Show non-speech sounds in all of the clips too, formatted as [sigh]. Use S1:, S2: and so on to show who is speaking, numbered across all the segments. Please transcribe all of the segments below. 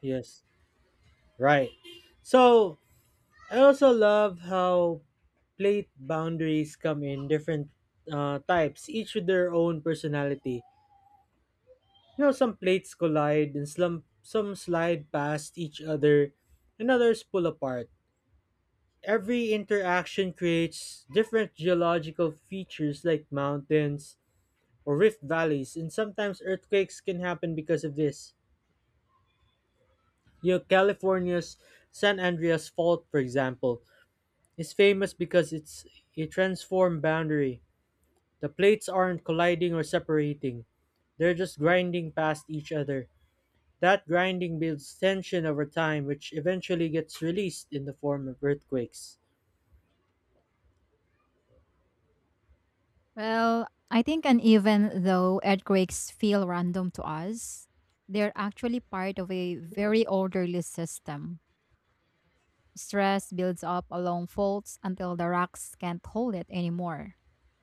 S1: Yes, right. So I also love how plate boundaries come in different types, each with their own personality. Some plates collide and some slide past each other, and others pull apart. Every interaction creates different geological features like mountains or rift valleys, and sometimes earthquakes can happen because of this. California's San Andreas Fault, for example, is famous because it's a transform boundary. The plates aren't colliding or separating. They're just grinding past each other. That grinding builds tension over time, which eventually gets released in the form of earthquakes.
S2: Well, I think, and even though earthquakes feel random to us, they're actually part of a very orderly system. Stress builds up along faults until the rocks can't hold it anymore.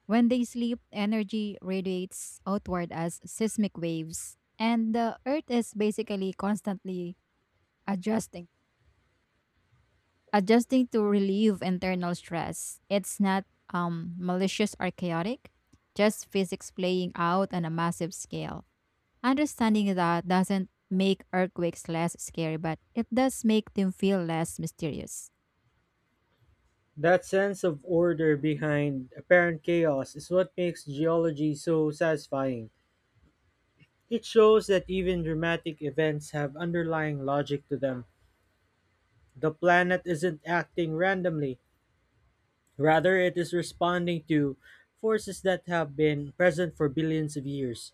S2: When they sleep, energy radiates outward as seismic waves, and the earth is basically constantly adjusting, adjusting to relieve internal stress. It's not malicious or chaotic, just physics playing out on a massive scale. Understanding that doesn't make earthquakes less scary, but it does make them feel less mysterious.
S1: That sense of order behind apparent chaos is what makes geology so satisfying. It shows that even dramatic events have underlying logic to them. The planet isn't acting randomly, rather, it is responding to forces that have been present for billions of years.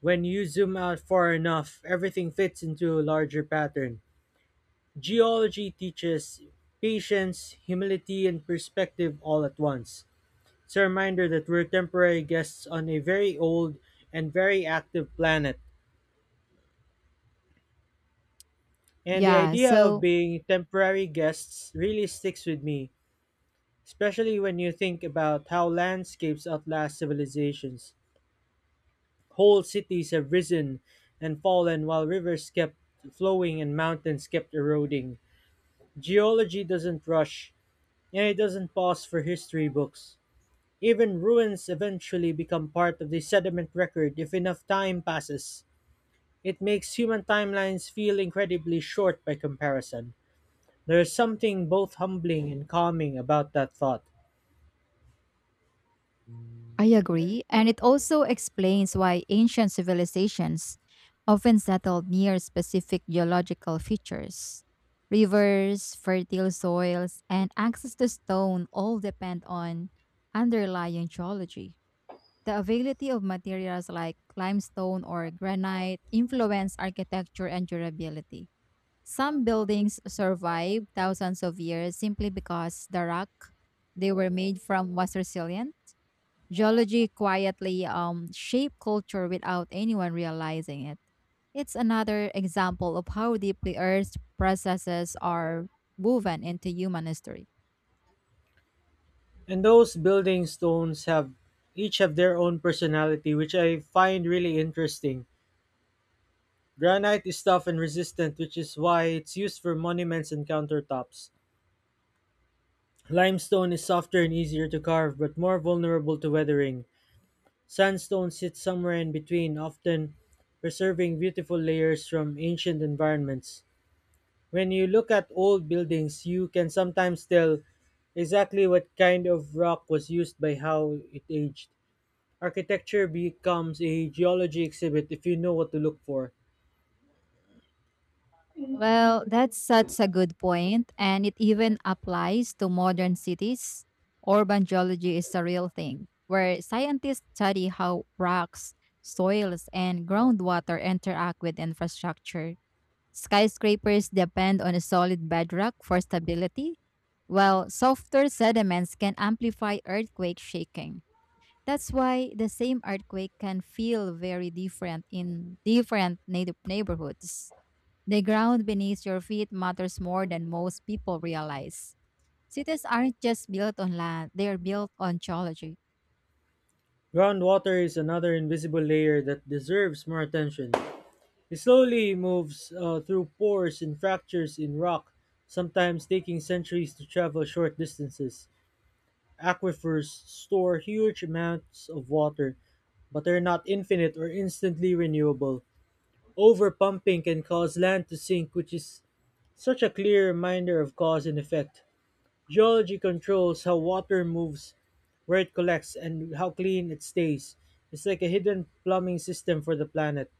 S1: When you zoom out far enough, everything fits into a larger pattern. Geology teaches patience, humility, and perspective all at once. It's a reminder that we're temporary guests on a very old and very active planet. And the
S2: Yeah,
S1: idea of
S2: so
S1: being temporary guests really sticks with me, especially when you think about how landscapes outlast civilizations. Whole cities have risen and fallen while rivers kept flowing and mountains kept eroding. Geology doesn't rush, and it doesn't pause for history books. Even ruins eventually become part of the sediment record if enough time passes. It makes human timelines feel incredibly short by comparison. There's something both humbling and calming about that thought.
S2: I agree. And it also explains why ancient civilizations often settled near specific geological features. Rivers, fertile soils, and access to stone all depend on underlying geology. The availability of materials like limestone or granite influence architecture and durability. Some buildings survived thousands of years simply because the rock they were made from was resilient. Geology quietly shaped culture without anyone realizing it. It's another example of how deeply Earth's processes are woven into human history.
S1: And those building stones have each have their own personality, which I find really interesting. Granite is tough and resistant, which is why it's used for monuments and countertops. Limestone is softer and easier to carve, but more vulnerable to weathering. Sandstone sits somewhere in between, often preserving beautiful layers from ancient environments. When you look at old buildings, you can sometimes tell exactly what kind of rock was used by how it aged. Architecture becomes a geology exhibit if you know what to look for.
S2: Well, that's such a good point, and it even applies to modern cities. Urban geology is a real thing, where scientists study how rocks, soils, and groundwater interact with infrastructure. Skyscrapers depend on a solid bedrock for stability, while softer sediments can amplify earthquake shaking. That's why the same earthquake can feel very different in different native neighborhoods. The ground beneath your feet matters more than most people realize. Cities aren't just built on land, they are built on geology.
S1: Groundwater is another invisible layer that deserves more attention. It slowly moves through pores and fractures in rock, sometimes taking centuries to travel short distances. Aquifers store huge amounts of water, but they're not infinite or instantly renewable. Overpumping can cause land to sink, which is such a clear reminder of cause and effect. Geology controls how water moves, where it collects, and how clean it stays. It's like a hidden plumbing system for the planet.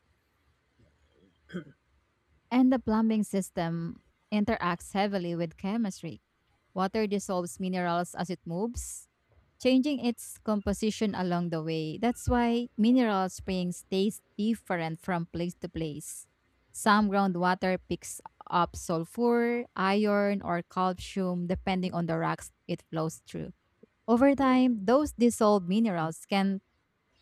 S2: And the plumbing system interacts heavily with chemistry. Water dissolves minerals as it moves, changing its composition along the way. That's why mineral springs taste different from place to place. Some groundwater picks up sulfur, iron, or calcium depending on the rocks it flows through. Over time, those dissolved minerals can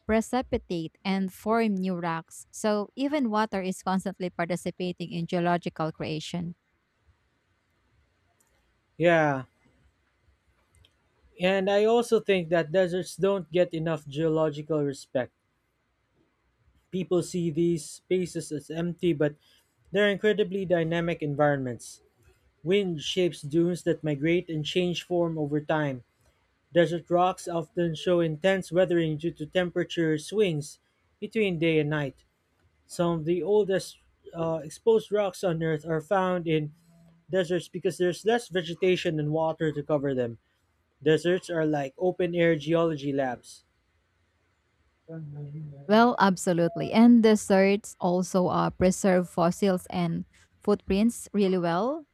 S2: precipitate and form new rocks, so even water is constantly participating in geological creation.
S1: Yeah. And I also think that deserts don't get enough geological respect. People see these spaces as empty, but they're incredibly dynamic environments. Wind shapes dunes that migrate and change form over time. Desert rocks often show intense weathering due to temperature swings between day and night. Some of the oldest exposed rocks on Earth are found in deserts because there's less vegetation and water to cover them. Deserts are like open air geology labs.
S2: Well, absolutely. And deserts also preserve fossils and footprints really well.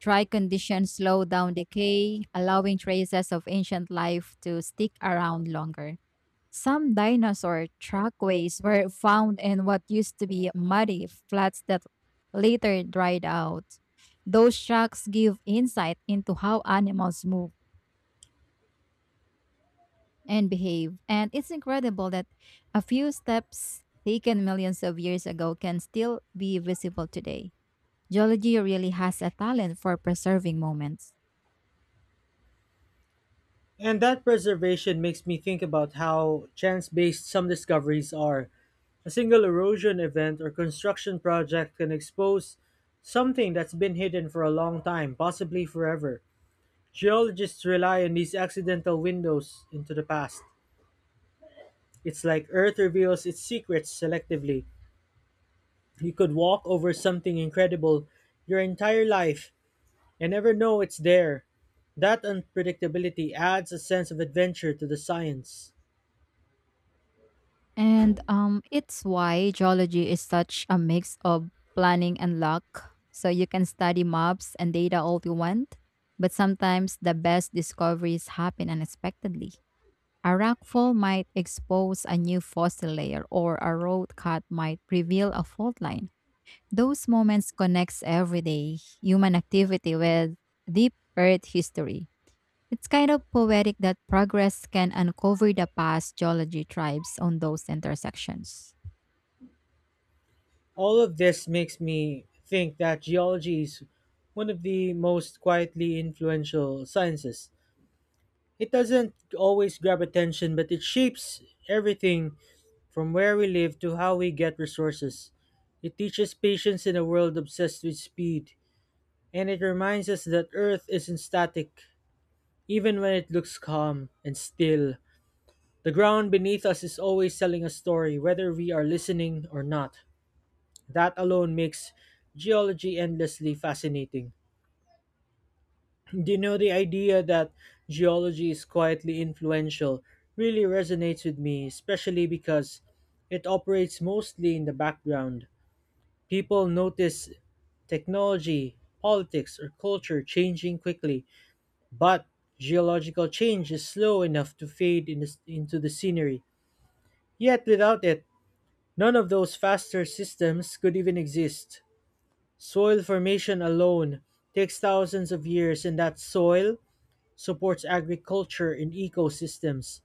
S2: Dry conditions slow down decay, allowing traces of ancient life to stick around longer. Some dinosaur trackways were found in what used to be muddy flats that later dried out. Those tracks give insight into how animals move and behave, and it's incredible that a few steps taken millions of years ago can still be visible today. Geology really has a talent for preserving moments.
S1: And that preservation makes me think about how chance based some discoveries are. A single erosion event or construction project can expose something that's been hidden for a long time, possibly forever. Geologists rely on these accidental windows into the past. It's like Earth reveals its secrets selectively. You could walk over something incredible your entire life and never know it's there. That unpredictability adds a sense of adventure to the science.
S2: And it's why geology is such a mix of planning and luck. So you can study maps and data all you want, but sometimes the best discoveries happen unexpectedly. A rockfall might expose a new fossil layer, or a road cut might reveal a fault line. Those moments connects everyday human activity with deep earth history. It's kind of poetic that progress can uncover the past geology tribes on those intersections.
S1: All of this makes me think that geology is one of the most quietly influential sciences. It doesn't always grab attention, but it shapes everything from where we live to how we get resources. It teaches patience in a world obsessed with speed, and it reminds us that Earth isn't static. Even when it looks calm and still, the ground beneath us is always telling a story, whether we are listening or not. That alone makes geology endlessly fascinating. [clears throat] Do you know the idea that geology is quietly influential really resonates with me, especially because it operates mostly in the background. People notice technology, politics, or culture changing quickly, but geological change is slow enough to fade into the scenery. Yet without it, none of those faster systems could even exist. Soil formation alone takes thousands of years, and that soil supports agriculture and ecosystems.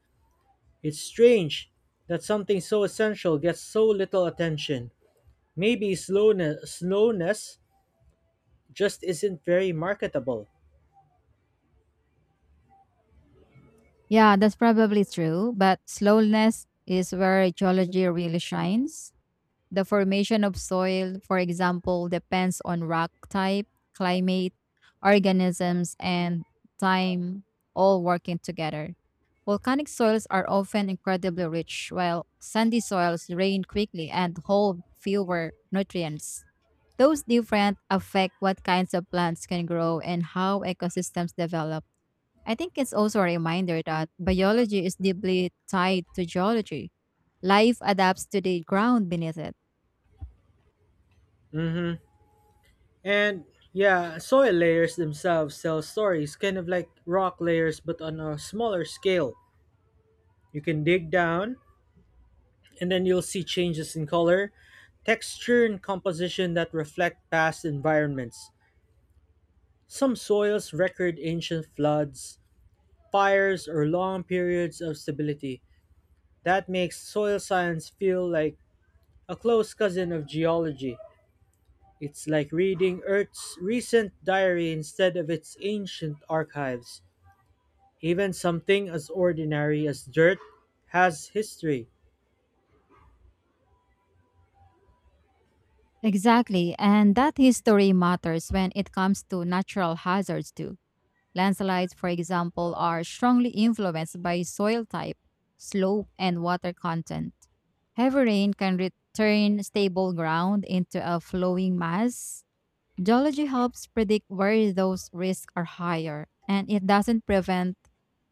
S1: It's strange that something so essential gets so little attention. Maybe slowness just isn't very marketable.
S2: Yeah, that's probably true, but slowness is where geology really shines. The formation of soil, for example, depends on rock type, climate, organisms, and time all working together. Volcanic soils are often incredibly rich, while sandy soils rain quickly and hold fewer nutrients. Those different affect what kinds of plants can grow and how ecosystems develop. I think it's also a reminder that biology is deeply tied to geology. Life adapts to the ground beneath it.
S1: Hmm. And yeah, soil layers themselves tell stories, kind of like rock layers, but on a smaller scale. You can dig down, and then you'll see changes in color, texture, and composition that reflect past environments. Some soils record ancient floods, fires, or long periods of stability. That makes soil science feel like a close cousin of geology. It's like reading Earth's recent diary instead of its ancient archives. Even something as ordinary as dirt has history.
S2: Exactly, and that history matters when it comes to natural hazards too. Landslides, for example, are strongly influenced by soil type, slope, and water content. Heavy rain can turn stable ground into a flowing mass. Geology helps predict where those risks are higher, and it doesn't prevent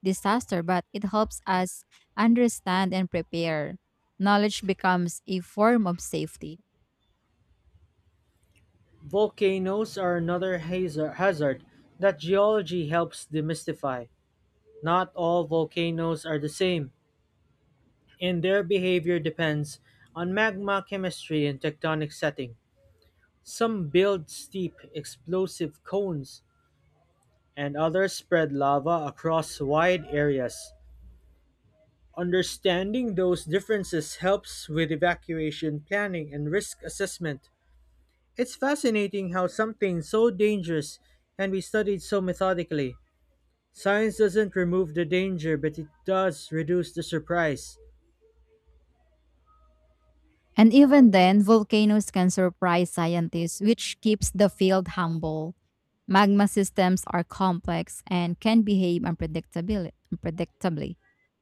S2: disaster, but it helps us understand and prepare. Knowledge becomes a form of safety.
S1: Volcanoes are another hazard that geology helps demystify. Not all volcanoes are the same, and their behavior depends on magma chemistry and tectonic setting. Some build steep, explosive cones, and others spread lava across wide areas. Understanding those differences helps with evacuation planning and risk assessment. It's fascinating how something so dangerous can be studied so methodically. Science doesn't remove the danger, but it does reduce the surprise.
S2: And even then, volcanoes can surprise scientists, which keeps the field humble. Magma systems are complex and can behave unpredictably.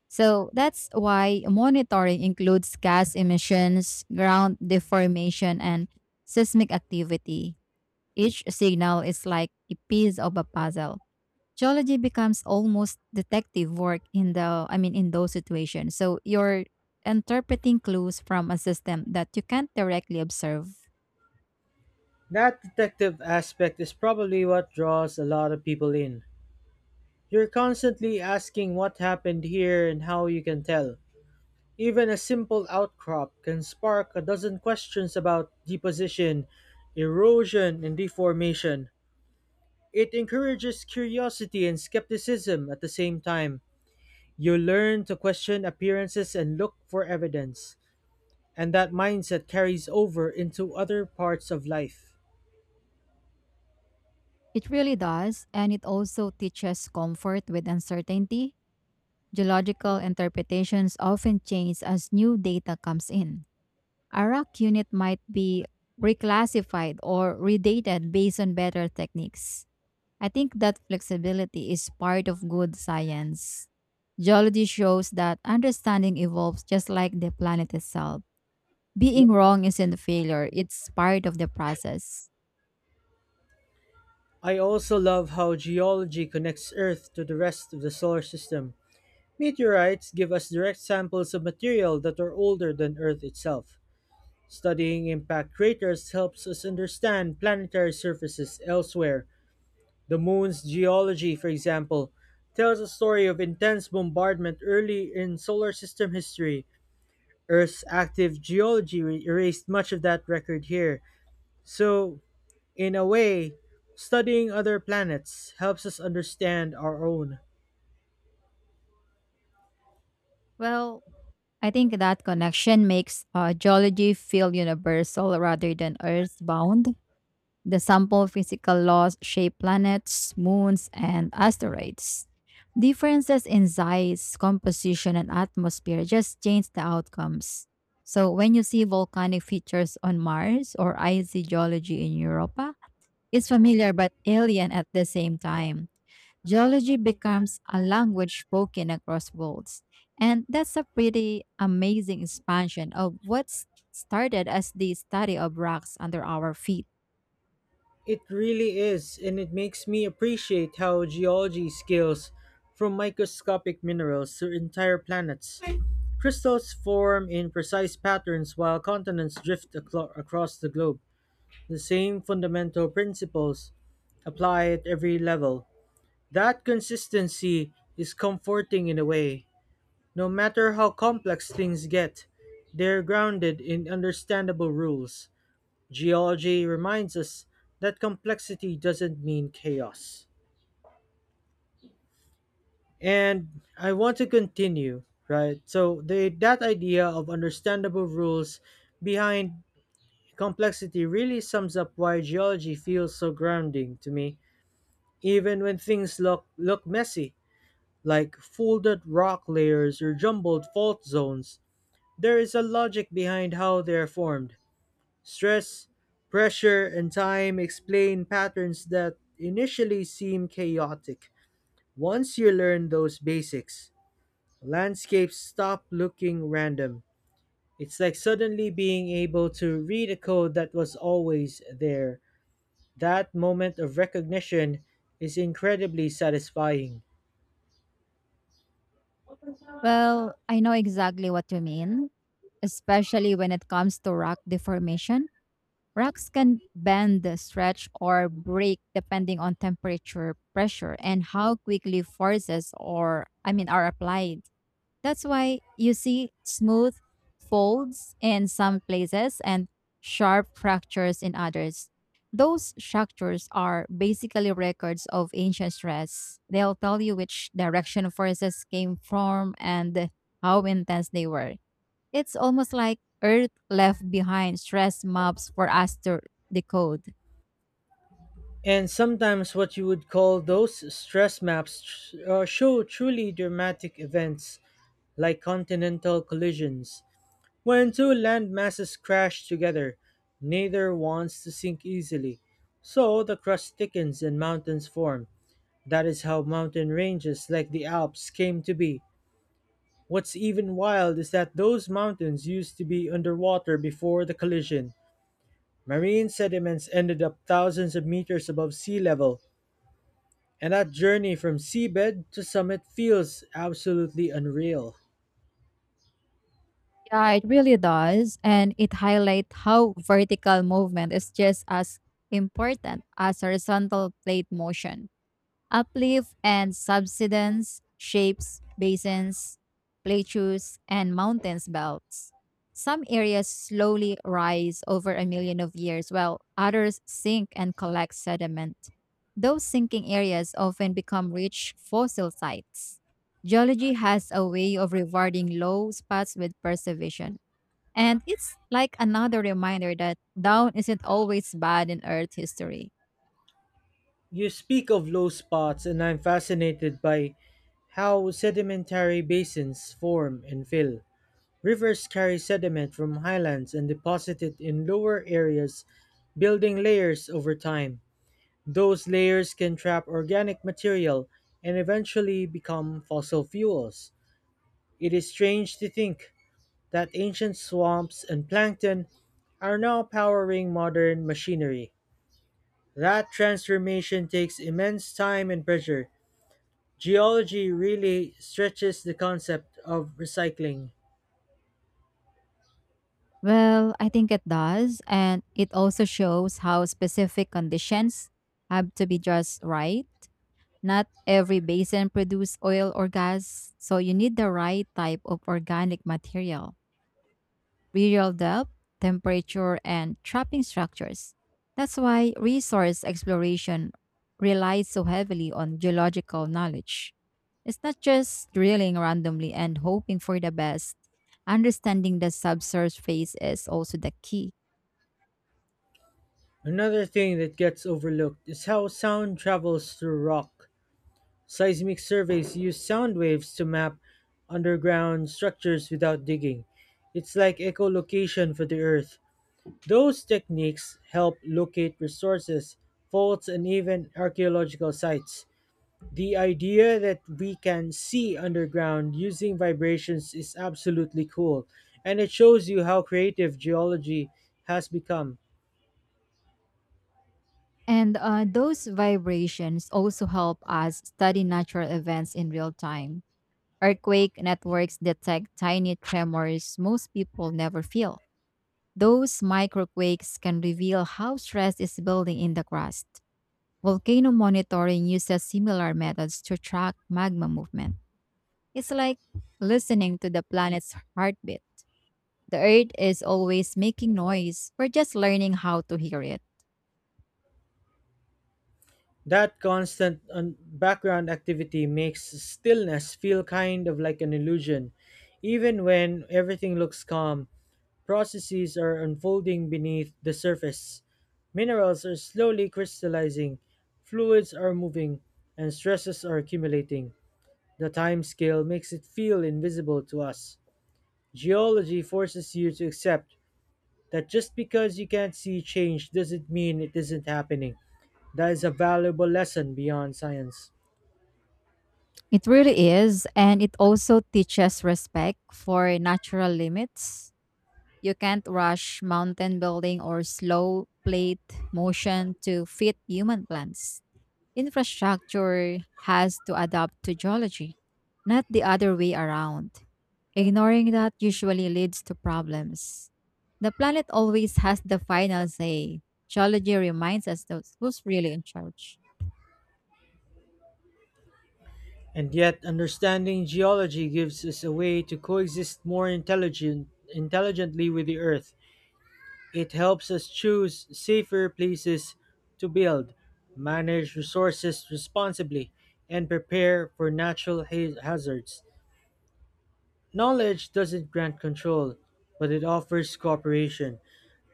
S2: So that's why monitoring includes gas emissions, ground deformation, and seismic activity. Each signal is like a piece of a puzzle. Geology becomes almost detective work in the I mean in those situations. So you're interpreting clues from a system that you can't directly observe.
S1: That detective aspect is probably what draws a lot of people in. You're constantly asking what happened here and how you can tell. Even a simple outcrop can spark a dozen questions about deposition, erosion, and deformation. It encourages curiosity and skepticism at the same time. You learn to question appearances and look for evidence, and that mindset carries over into other parts of life.
S2: It really does, and it also teaches comfort with uncertainty. Geological interpretations often change as new data comes in. A rack unit might be reclassified or redated based on better techniques. I think that flexibility is part of good science. Geology shows that understanding evolves just like the planet itself. Being wrong isn't a failure, it's part of the process.
S1: I also love how geology connects Earth to the rest of the solar system. Meteorites give us direct samples of material that are older than Earth itself. Studying impact craters helps us understand planetary surfaces elsewhere. The moon's geology, for example, tells a story of intense bombardment early in solar system history. Earth's active geology erased much of that record here. So, in a way, studying other planets helps us understand our own.
S2: Well, I think that connection makes geology feel universal rather than earthbound. The sample physical laws shape planets, moons, and asteroids. Differences in size, composition, and atmosphere just change the outcomes. So, when you see volcanic features on Mars or icy geology in Europa, it's familiar but alien at the same time. Geology becomes a language spoken across worlds. And that's a pretty amazing expansion of what started as the study of rocks under our feet.
S1: It really is, and it makes me appreciate how geology scales from microscopic minerals to entire planets. Crystals form in precise patterns while continents drift across the globe. The same fundamental principles apply at every level. That consistency is comforting in a way. No matter how complex things get, they're grounded in understandable rules. Geology reminds us that complexity doesn't mean chaos. And I want to continue, right? So the that idea of understandable rules behind complexity really sums up why geology feels so grounding to me, even when things look messy like folded rock layers or jumbled fault zones. There is a logic behind how they are formed. Stress, pressure, and time explain patterns that initially seem chaotic. Once you learn those basics, landscapes stop looking random. It's like suddenly being able to read a code that was always there. That moment of recognition is incredibly satisfying.
S2: Well, I know exactly what you mean, especially when it comes to rock deformation. Rocks can bend, stretch, or break depending on temperature, pressure, and how quickly forces or I mean are applied. That's why you see smooth folds in some places and sharp fractures in others. Those structures are basically records of ancient stress. They'll tell you which direction forces came from and how intense they were. It's almost like Earth left behind stress maps for us to decode.
S1: And sometimes what you would call those stress maps show truly dramatic events like continental collisions. When two land masses crash together, neither wants to sink easily. So the crust thickens and mountains form. That is how mountain ranges like the Alps came to be. What's even wild is that those mountains used to be underwater before the collision. Marine sediments ended up thousands of meters above sea level. And that journey from seabed to summit feels absolutely unreal.
S2: Yeah, it really does. And it highlights how vertical movement is just as important as horizontal plate motion. Uplift and subsidence shapes basins, plateaus, and mountains belts. Some areas slowly rise over a million of years, while others sink and collect sediment. Those sinking areas often become rich fossil sites. Geology has a way of rewarding low spots with preservation. And it's like another reminder that down isn't always bad in Earth history.
S1: You speak of low spots, and I'm fascinated by how sedimentary basins form and fill. Rivers carry sediment from highlands and deposit it in lower areas, building layers over time. Those layers can trap organic material and eventually become fossil fuels. It is strange to think that ancient swamps and plankton are now powering modern machinery. That transformation takes immense time and pressure. Geology really stretches the concept of recycling.
S2: Well, I think it does. And it also shows how specific conditions have to be just right. Not every basin produces oil or gas, so you need the right type of organic material. Burial depth, temperature, and trapping structures. That's why resource exploration relies so heavily on geological knowledge. It's not just drilling randomly and hoping for the best. Understanding the subsurface is also the key.
S1: Another thing that gets overlooked is how sound travels through rock. Seismic surveys use sound waves to map underground structures without digging. It's like echolocation for the earth. Those techniques help locate resources, faults, and even archaeological sites. The idea that we can see underground using vibrations is absolutely cool, and it shows you how creative geology has become.
S2: And those vibrations also help us study natural events in real time. Earthquake networks detect tiny tremors most people never feel. Those microquakes can reveal how stress is building in the crust. Volcano monitoring uses similar methods to track magma movement. It's like listening to the planet's heartbeat. The Earth is always making noise. We're just learning how to hear it.
S1: That constant background activity makes stillness feel kind of like an illusion. Even when everything looks calm, processes are unfolding beneath the surface. Minerals are slowly crystallizing, fluids are moving, and stresses are accumulating. The time scale makes it feel invisible to us. Geology forces you to accept that just because you can't see change doesn't mean it isn't happening. That is a valuable lesson beyond science.
S2: It really is, and it also teaches respect for natural limits. You can't rush mountain building or slow plate motion to fit human plans. Infrastructure has to adapt to geology, not the other way around. Ignoring that usually leads to problems. The planet always has the final say. Geology reminds us those who's really in charge.
S1: And yet, understanding geology gives us a way to coexist more intelligently with the Earth. It helps us choose safer places to build, manage resources responsibly, and prepare for natural hazards. Knowledge doesn't grant control, but it offers cooperation.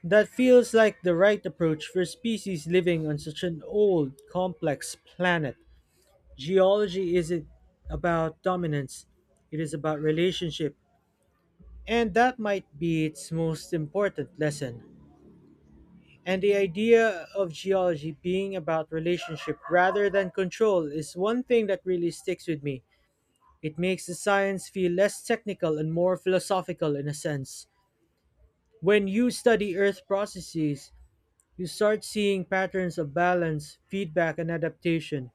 S1: That feels like the right approach for species living on such an old, complex planet. Geology isn't about dominance, it is about relationship. And that might be its most important lesson. And the idea of geology being about relationship rather than control is one thing that really sticks with me. It makes the science feel less technical and more philosophical in a sense. When you study Earth processes, you start seeing patterns of balance, feedback, and adaptation.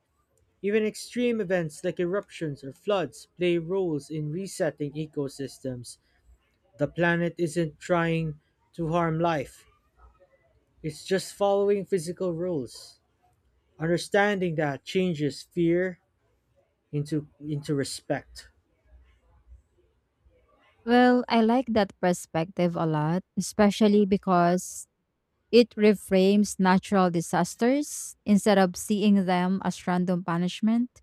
S1: Even extreme events like eruptions or floods play roles in resetting ecosystems. The planet isn't trying to harm life, it's just following physical rules. Understanding that changes fear into respect.
S2: Well, I like that perspective a lot, especially because it reframes natural disasters instead of seeing them as random punishment.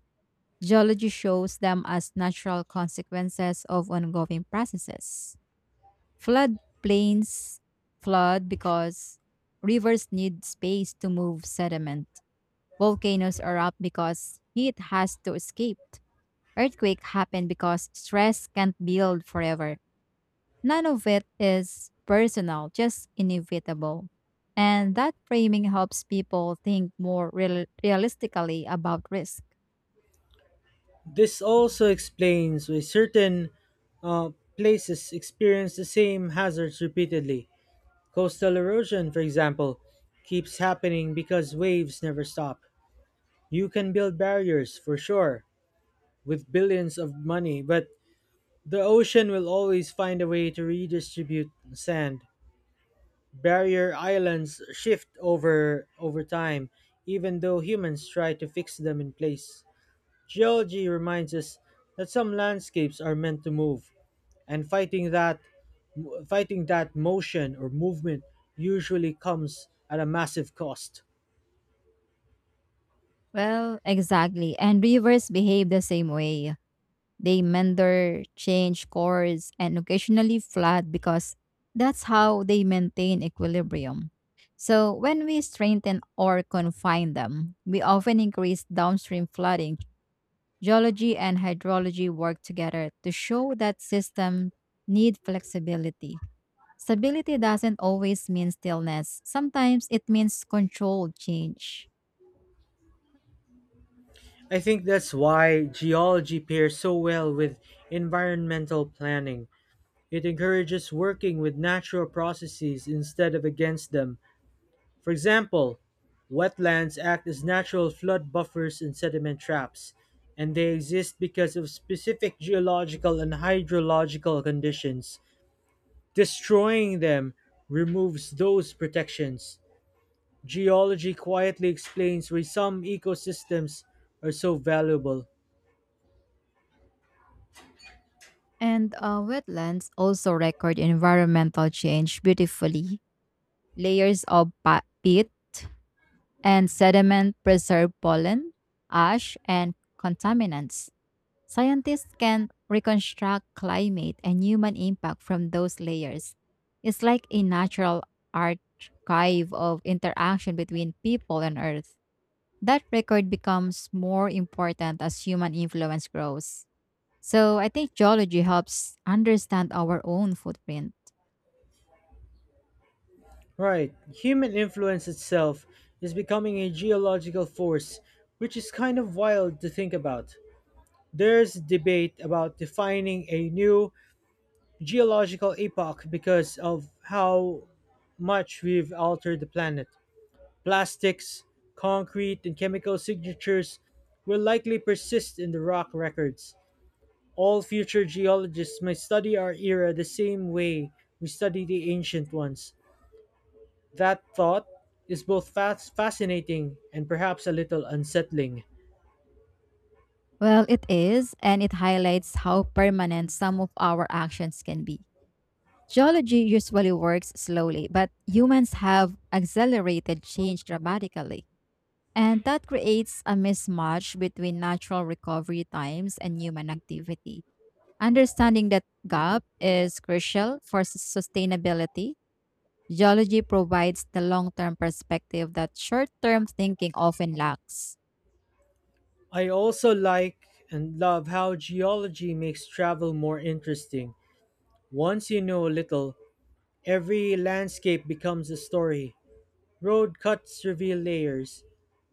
S2: Geology shows them as natural consequences of ongoing processes. Floodplains flood because rivers need space to move sediment. Volcanoes erupt because heat has to escape. Earthquakes happen because stress can't build forever. None of it is personal, just inevitable. And that framing helps people think more realistically about risk.
S1: This also explains why certain uh, places experience the same hazards repeatedly. Coastal erosion, for example, keeps happening because waves never stop. You can build barriers, for sure, with billions of money, but the ocean will always find a way to redistribute sand. Barrier islands shift over time, even though humans try to fix them in place. Geology reminds us that some landscapes are meant to move, and fighting that motion or movement usually comes at a massive cost.
S2: Well, exactly. And rivers behave the same way. They mender, change course, and occasionally flood because that's how they maintain equilibrium. So, when we strengthen or confine them, we often increase downstream flooding. Geology and hydrology work together to show that systems need flexibility. Stability doesn't always mean stillness, sometimes it means controlled change.
S1: I think that's why geology pairs so well with environmental planning. It encourages working with natural processes instead of against them. For example, wetlands act as natural flood buffers and sediment traps, and they exist because of specific geological and hydrological conditions. Destroying them removes those protections. Geology quietly explains why some ecosystems are so valuable.
S2: And wetlands also record environmental change beautifully. Layers of peat and sediment preserve pollen, ash, and contaminants. Scientists can reconstruct climate and human impact from those layers. It's like a natural archive of interaction between people and Earth. That record becomes more important as human influence grows. So I think geology helps understand our own footprint.
S1: Right, human influence itself is becoming a geological force, which is kind of wild to think about. There's debate about defining a new geological epoch because of how much we've altered the planet. Plastics, concrete, and chemical signatures will likely persist in the rock records. All future geologists may study our era the same way we study the ancient ones. That thought is both fascinating and perhaps a little unsettling.
S2: Well, it is, and it highlights how permanent some of our actions can be. Geology usually works slowly, but humans have accelerated change dramatically. And that creates a mismatch between natural recovery times and human activity. Understanding that gap is crucial for sustainability. Geology provides the long term perspective that short term thinking often lacks.
S1: I also like and love how geology makes travel more interesting. Once you know a little, every landscape becomes a story. Road cuts reveal layers,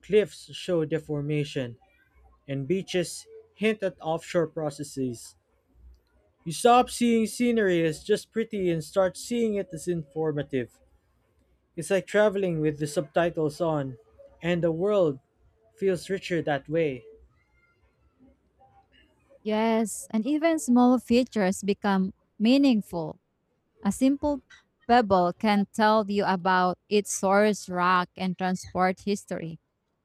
S1: cliffs show deformation, and beaches hint at offshore processes. You stop seeing scenery as just pretty and start seeing it as informative. It's like traveling with the subtitles on, and the world feels richer that way.
S2: Yes, and even small features become meaningful. A simple pebble can tell you about its source, rock, and transport history.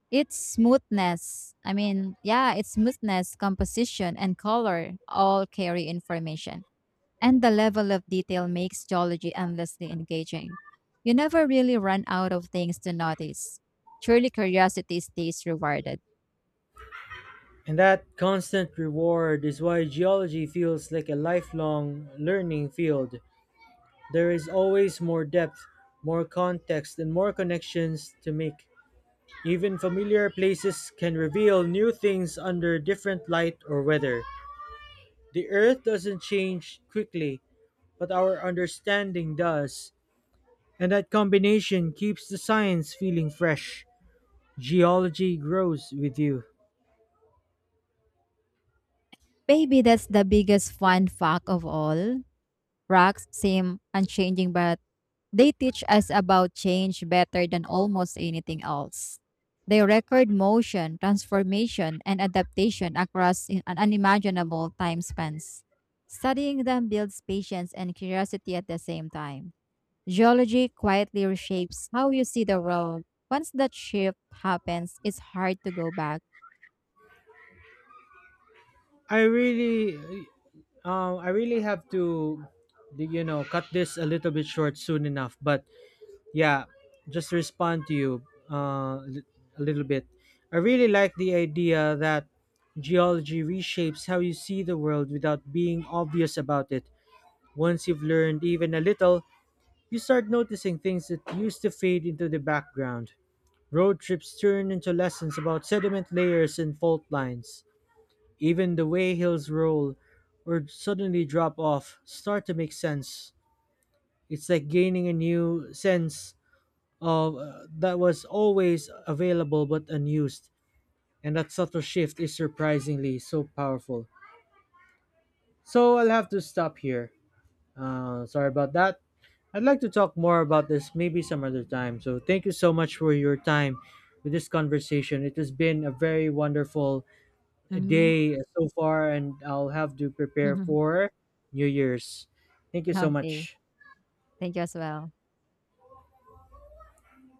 S2: Its smoothness, I mean, yeah, its smoothness, composition, and color all carry information. And the level of detail makes geology endlessly engaging. You never really run out of things to notice. Truly, curiosity stays rewarded.
S1: And that constant reward is why geology feels like a lifelong learning field. There is always more depth, more context, and more connections to make. Even familiar places can reveal new things under different light or weather. The earth doesn't change quickly, but our understanding does. And that combination keeps the science feeling fresh. Geology grows with you.
S2: Maybe that's the biggest fun fact of all. Rocks seem unchanging, but they teach us about change better than almost anything else. They record motion, transformation, and adaptation across an unimaginable time spans. Studying them builds patience and curiosity at the same time. Geology quietly reshapes how you see the world. Once that shift happens, it's hard to go back.
S1: I really I really have to, cut this a little bit short soon enough. But yeah, just to respond to you uh, li- a little bit. I really like the idea that geology reshapes how you see the world without being obvious about it. Once you've learned even a little, you start noticing things that used to fade into the background. Road trips turn into lessons about sediment layers and fault lines. Even the way hills roll or suddenly drop off start to make sense. It's like gaining a new sense, that was always available but unused. And that subtle shift is surprisingly so powerful. So I'll have to stop here. Sorry about that. I'd like to talk more about this maybe some other time. So thank you so much for your time with this conversation. It has been a very wonderful
S2: Hmm.
S1: day so far, and I'll have to prepare
S2: [laughs]
S1: for New Year's. Thank you so
S2: Okay.
S1: much.
S2: Thank you as well.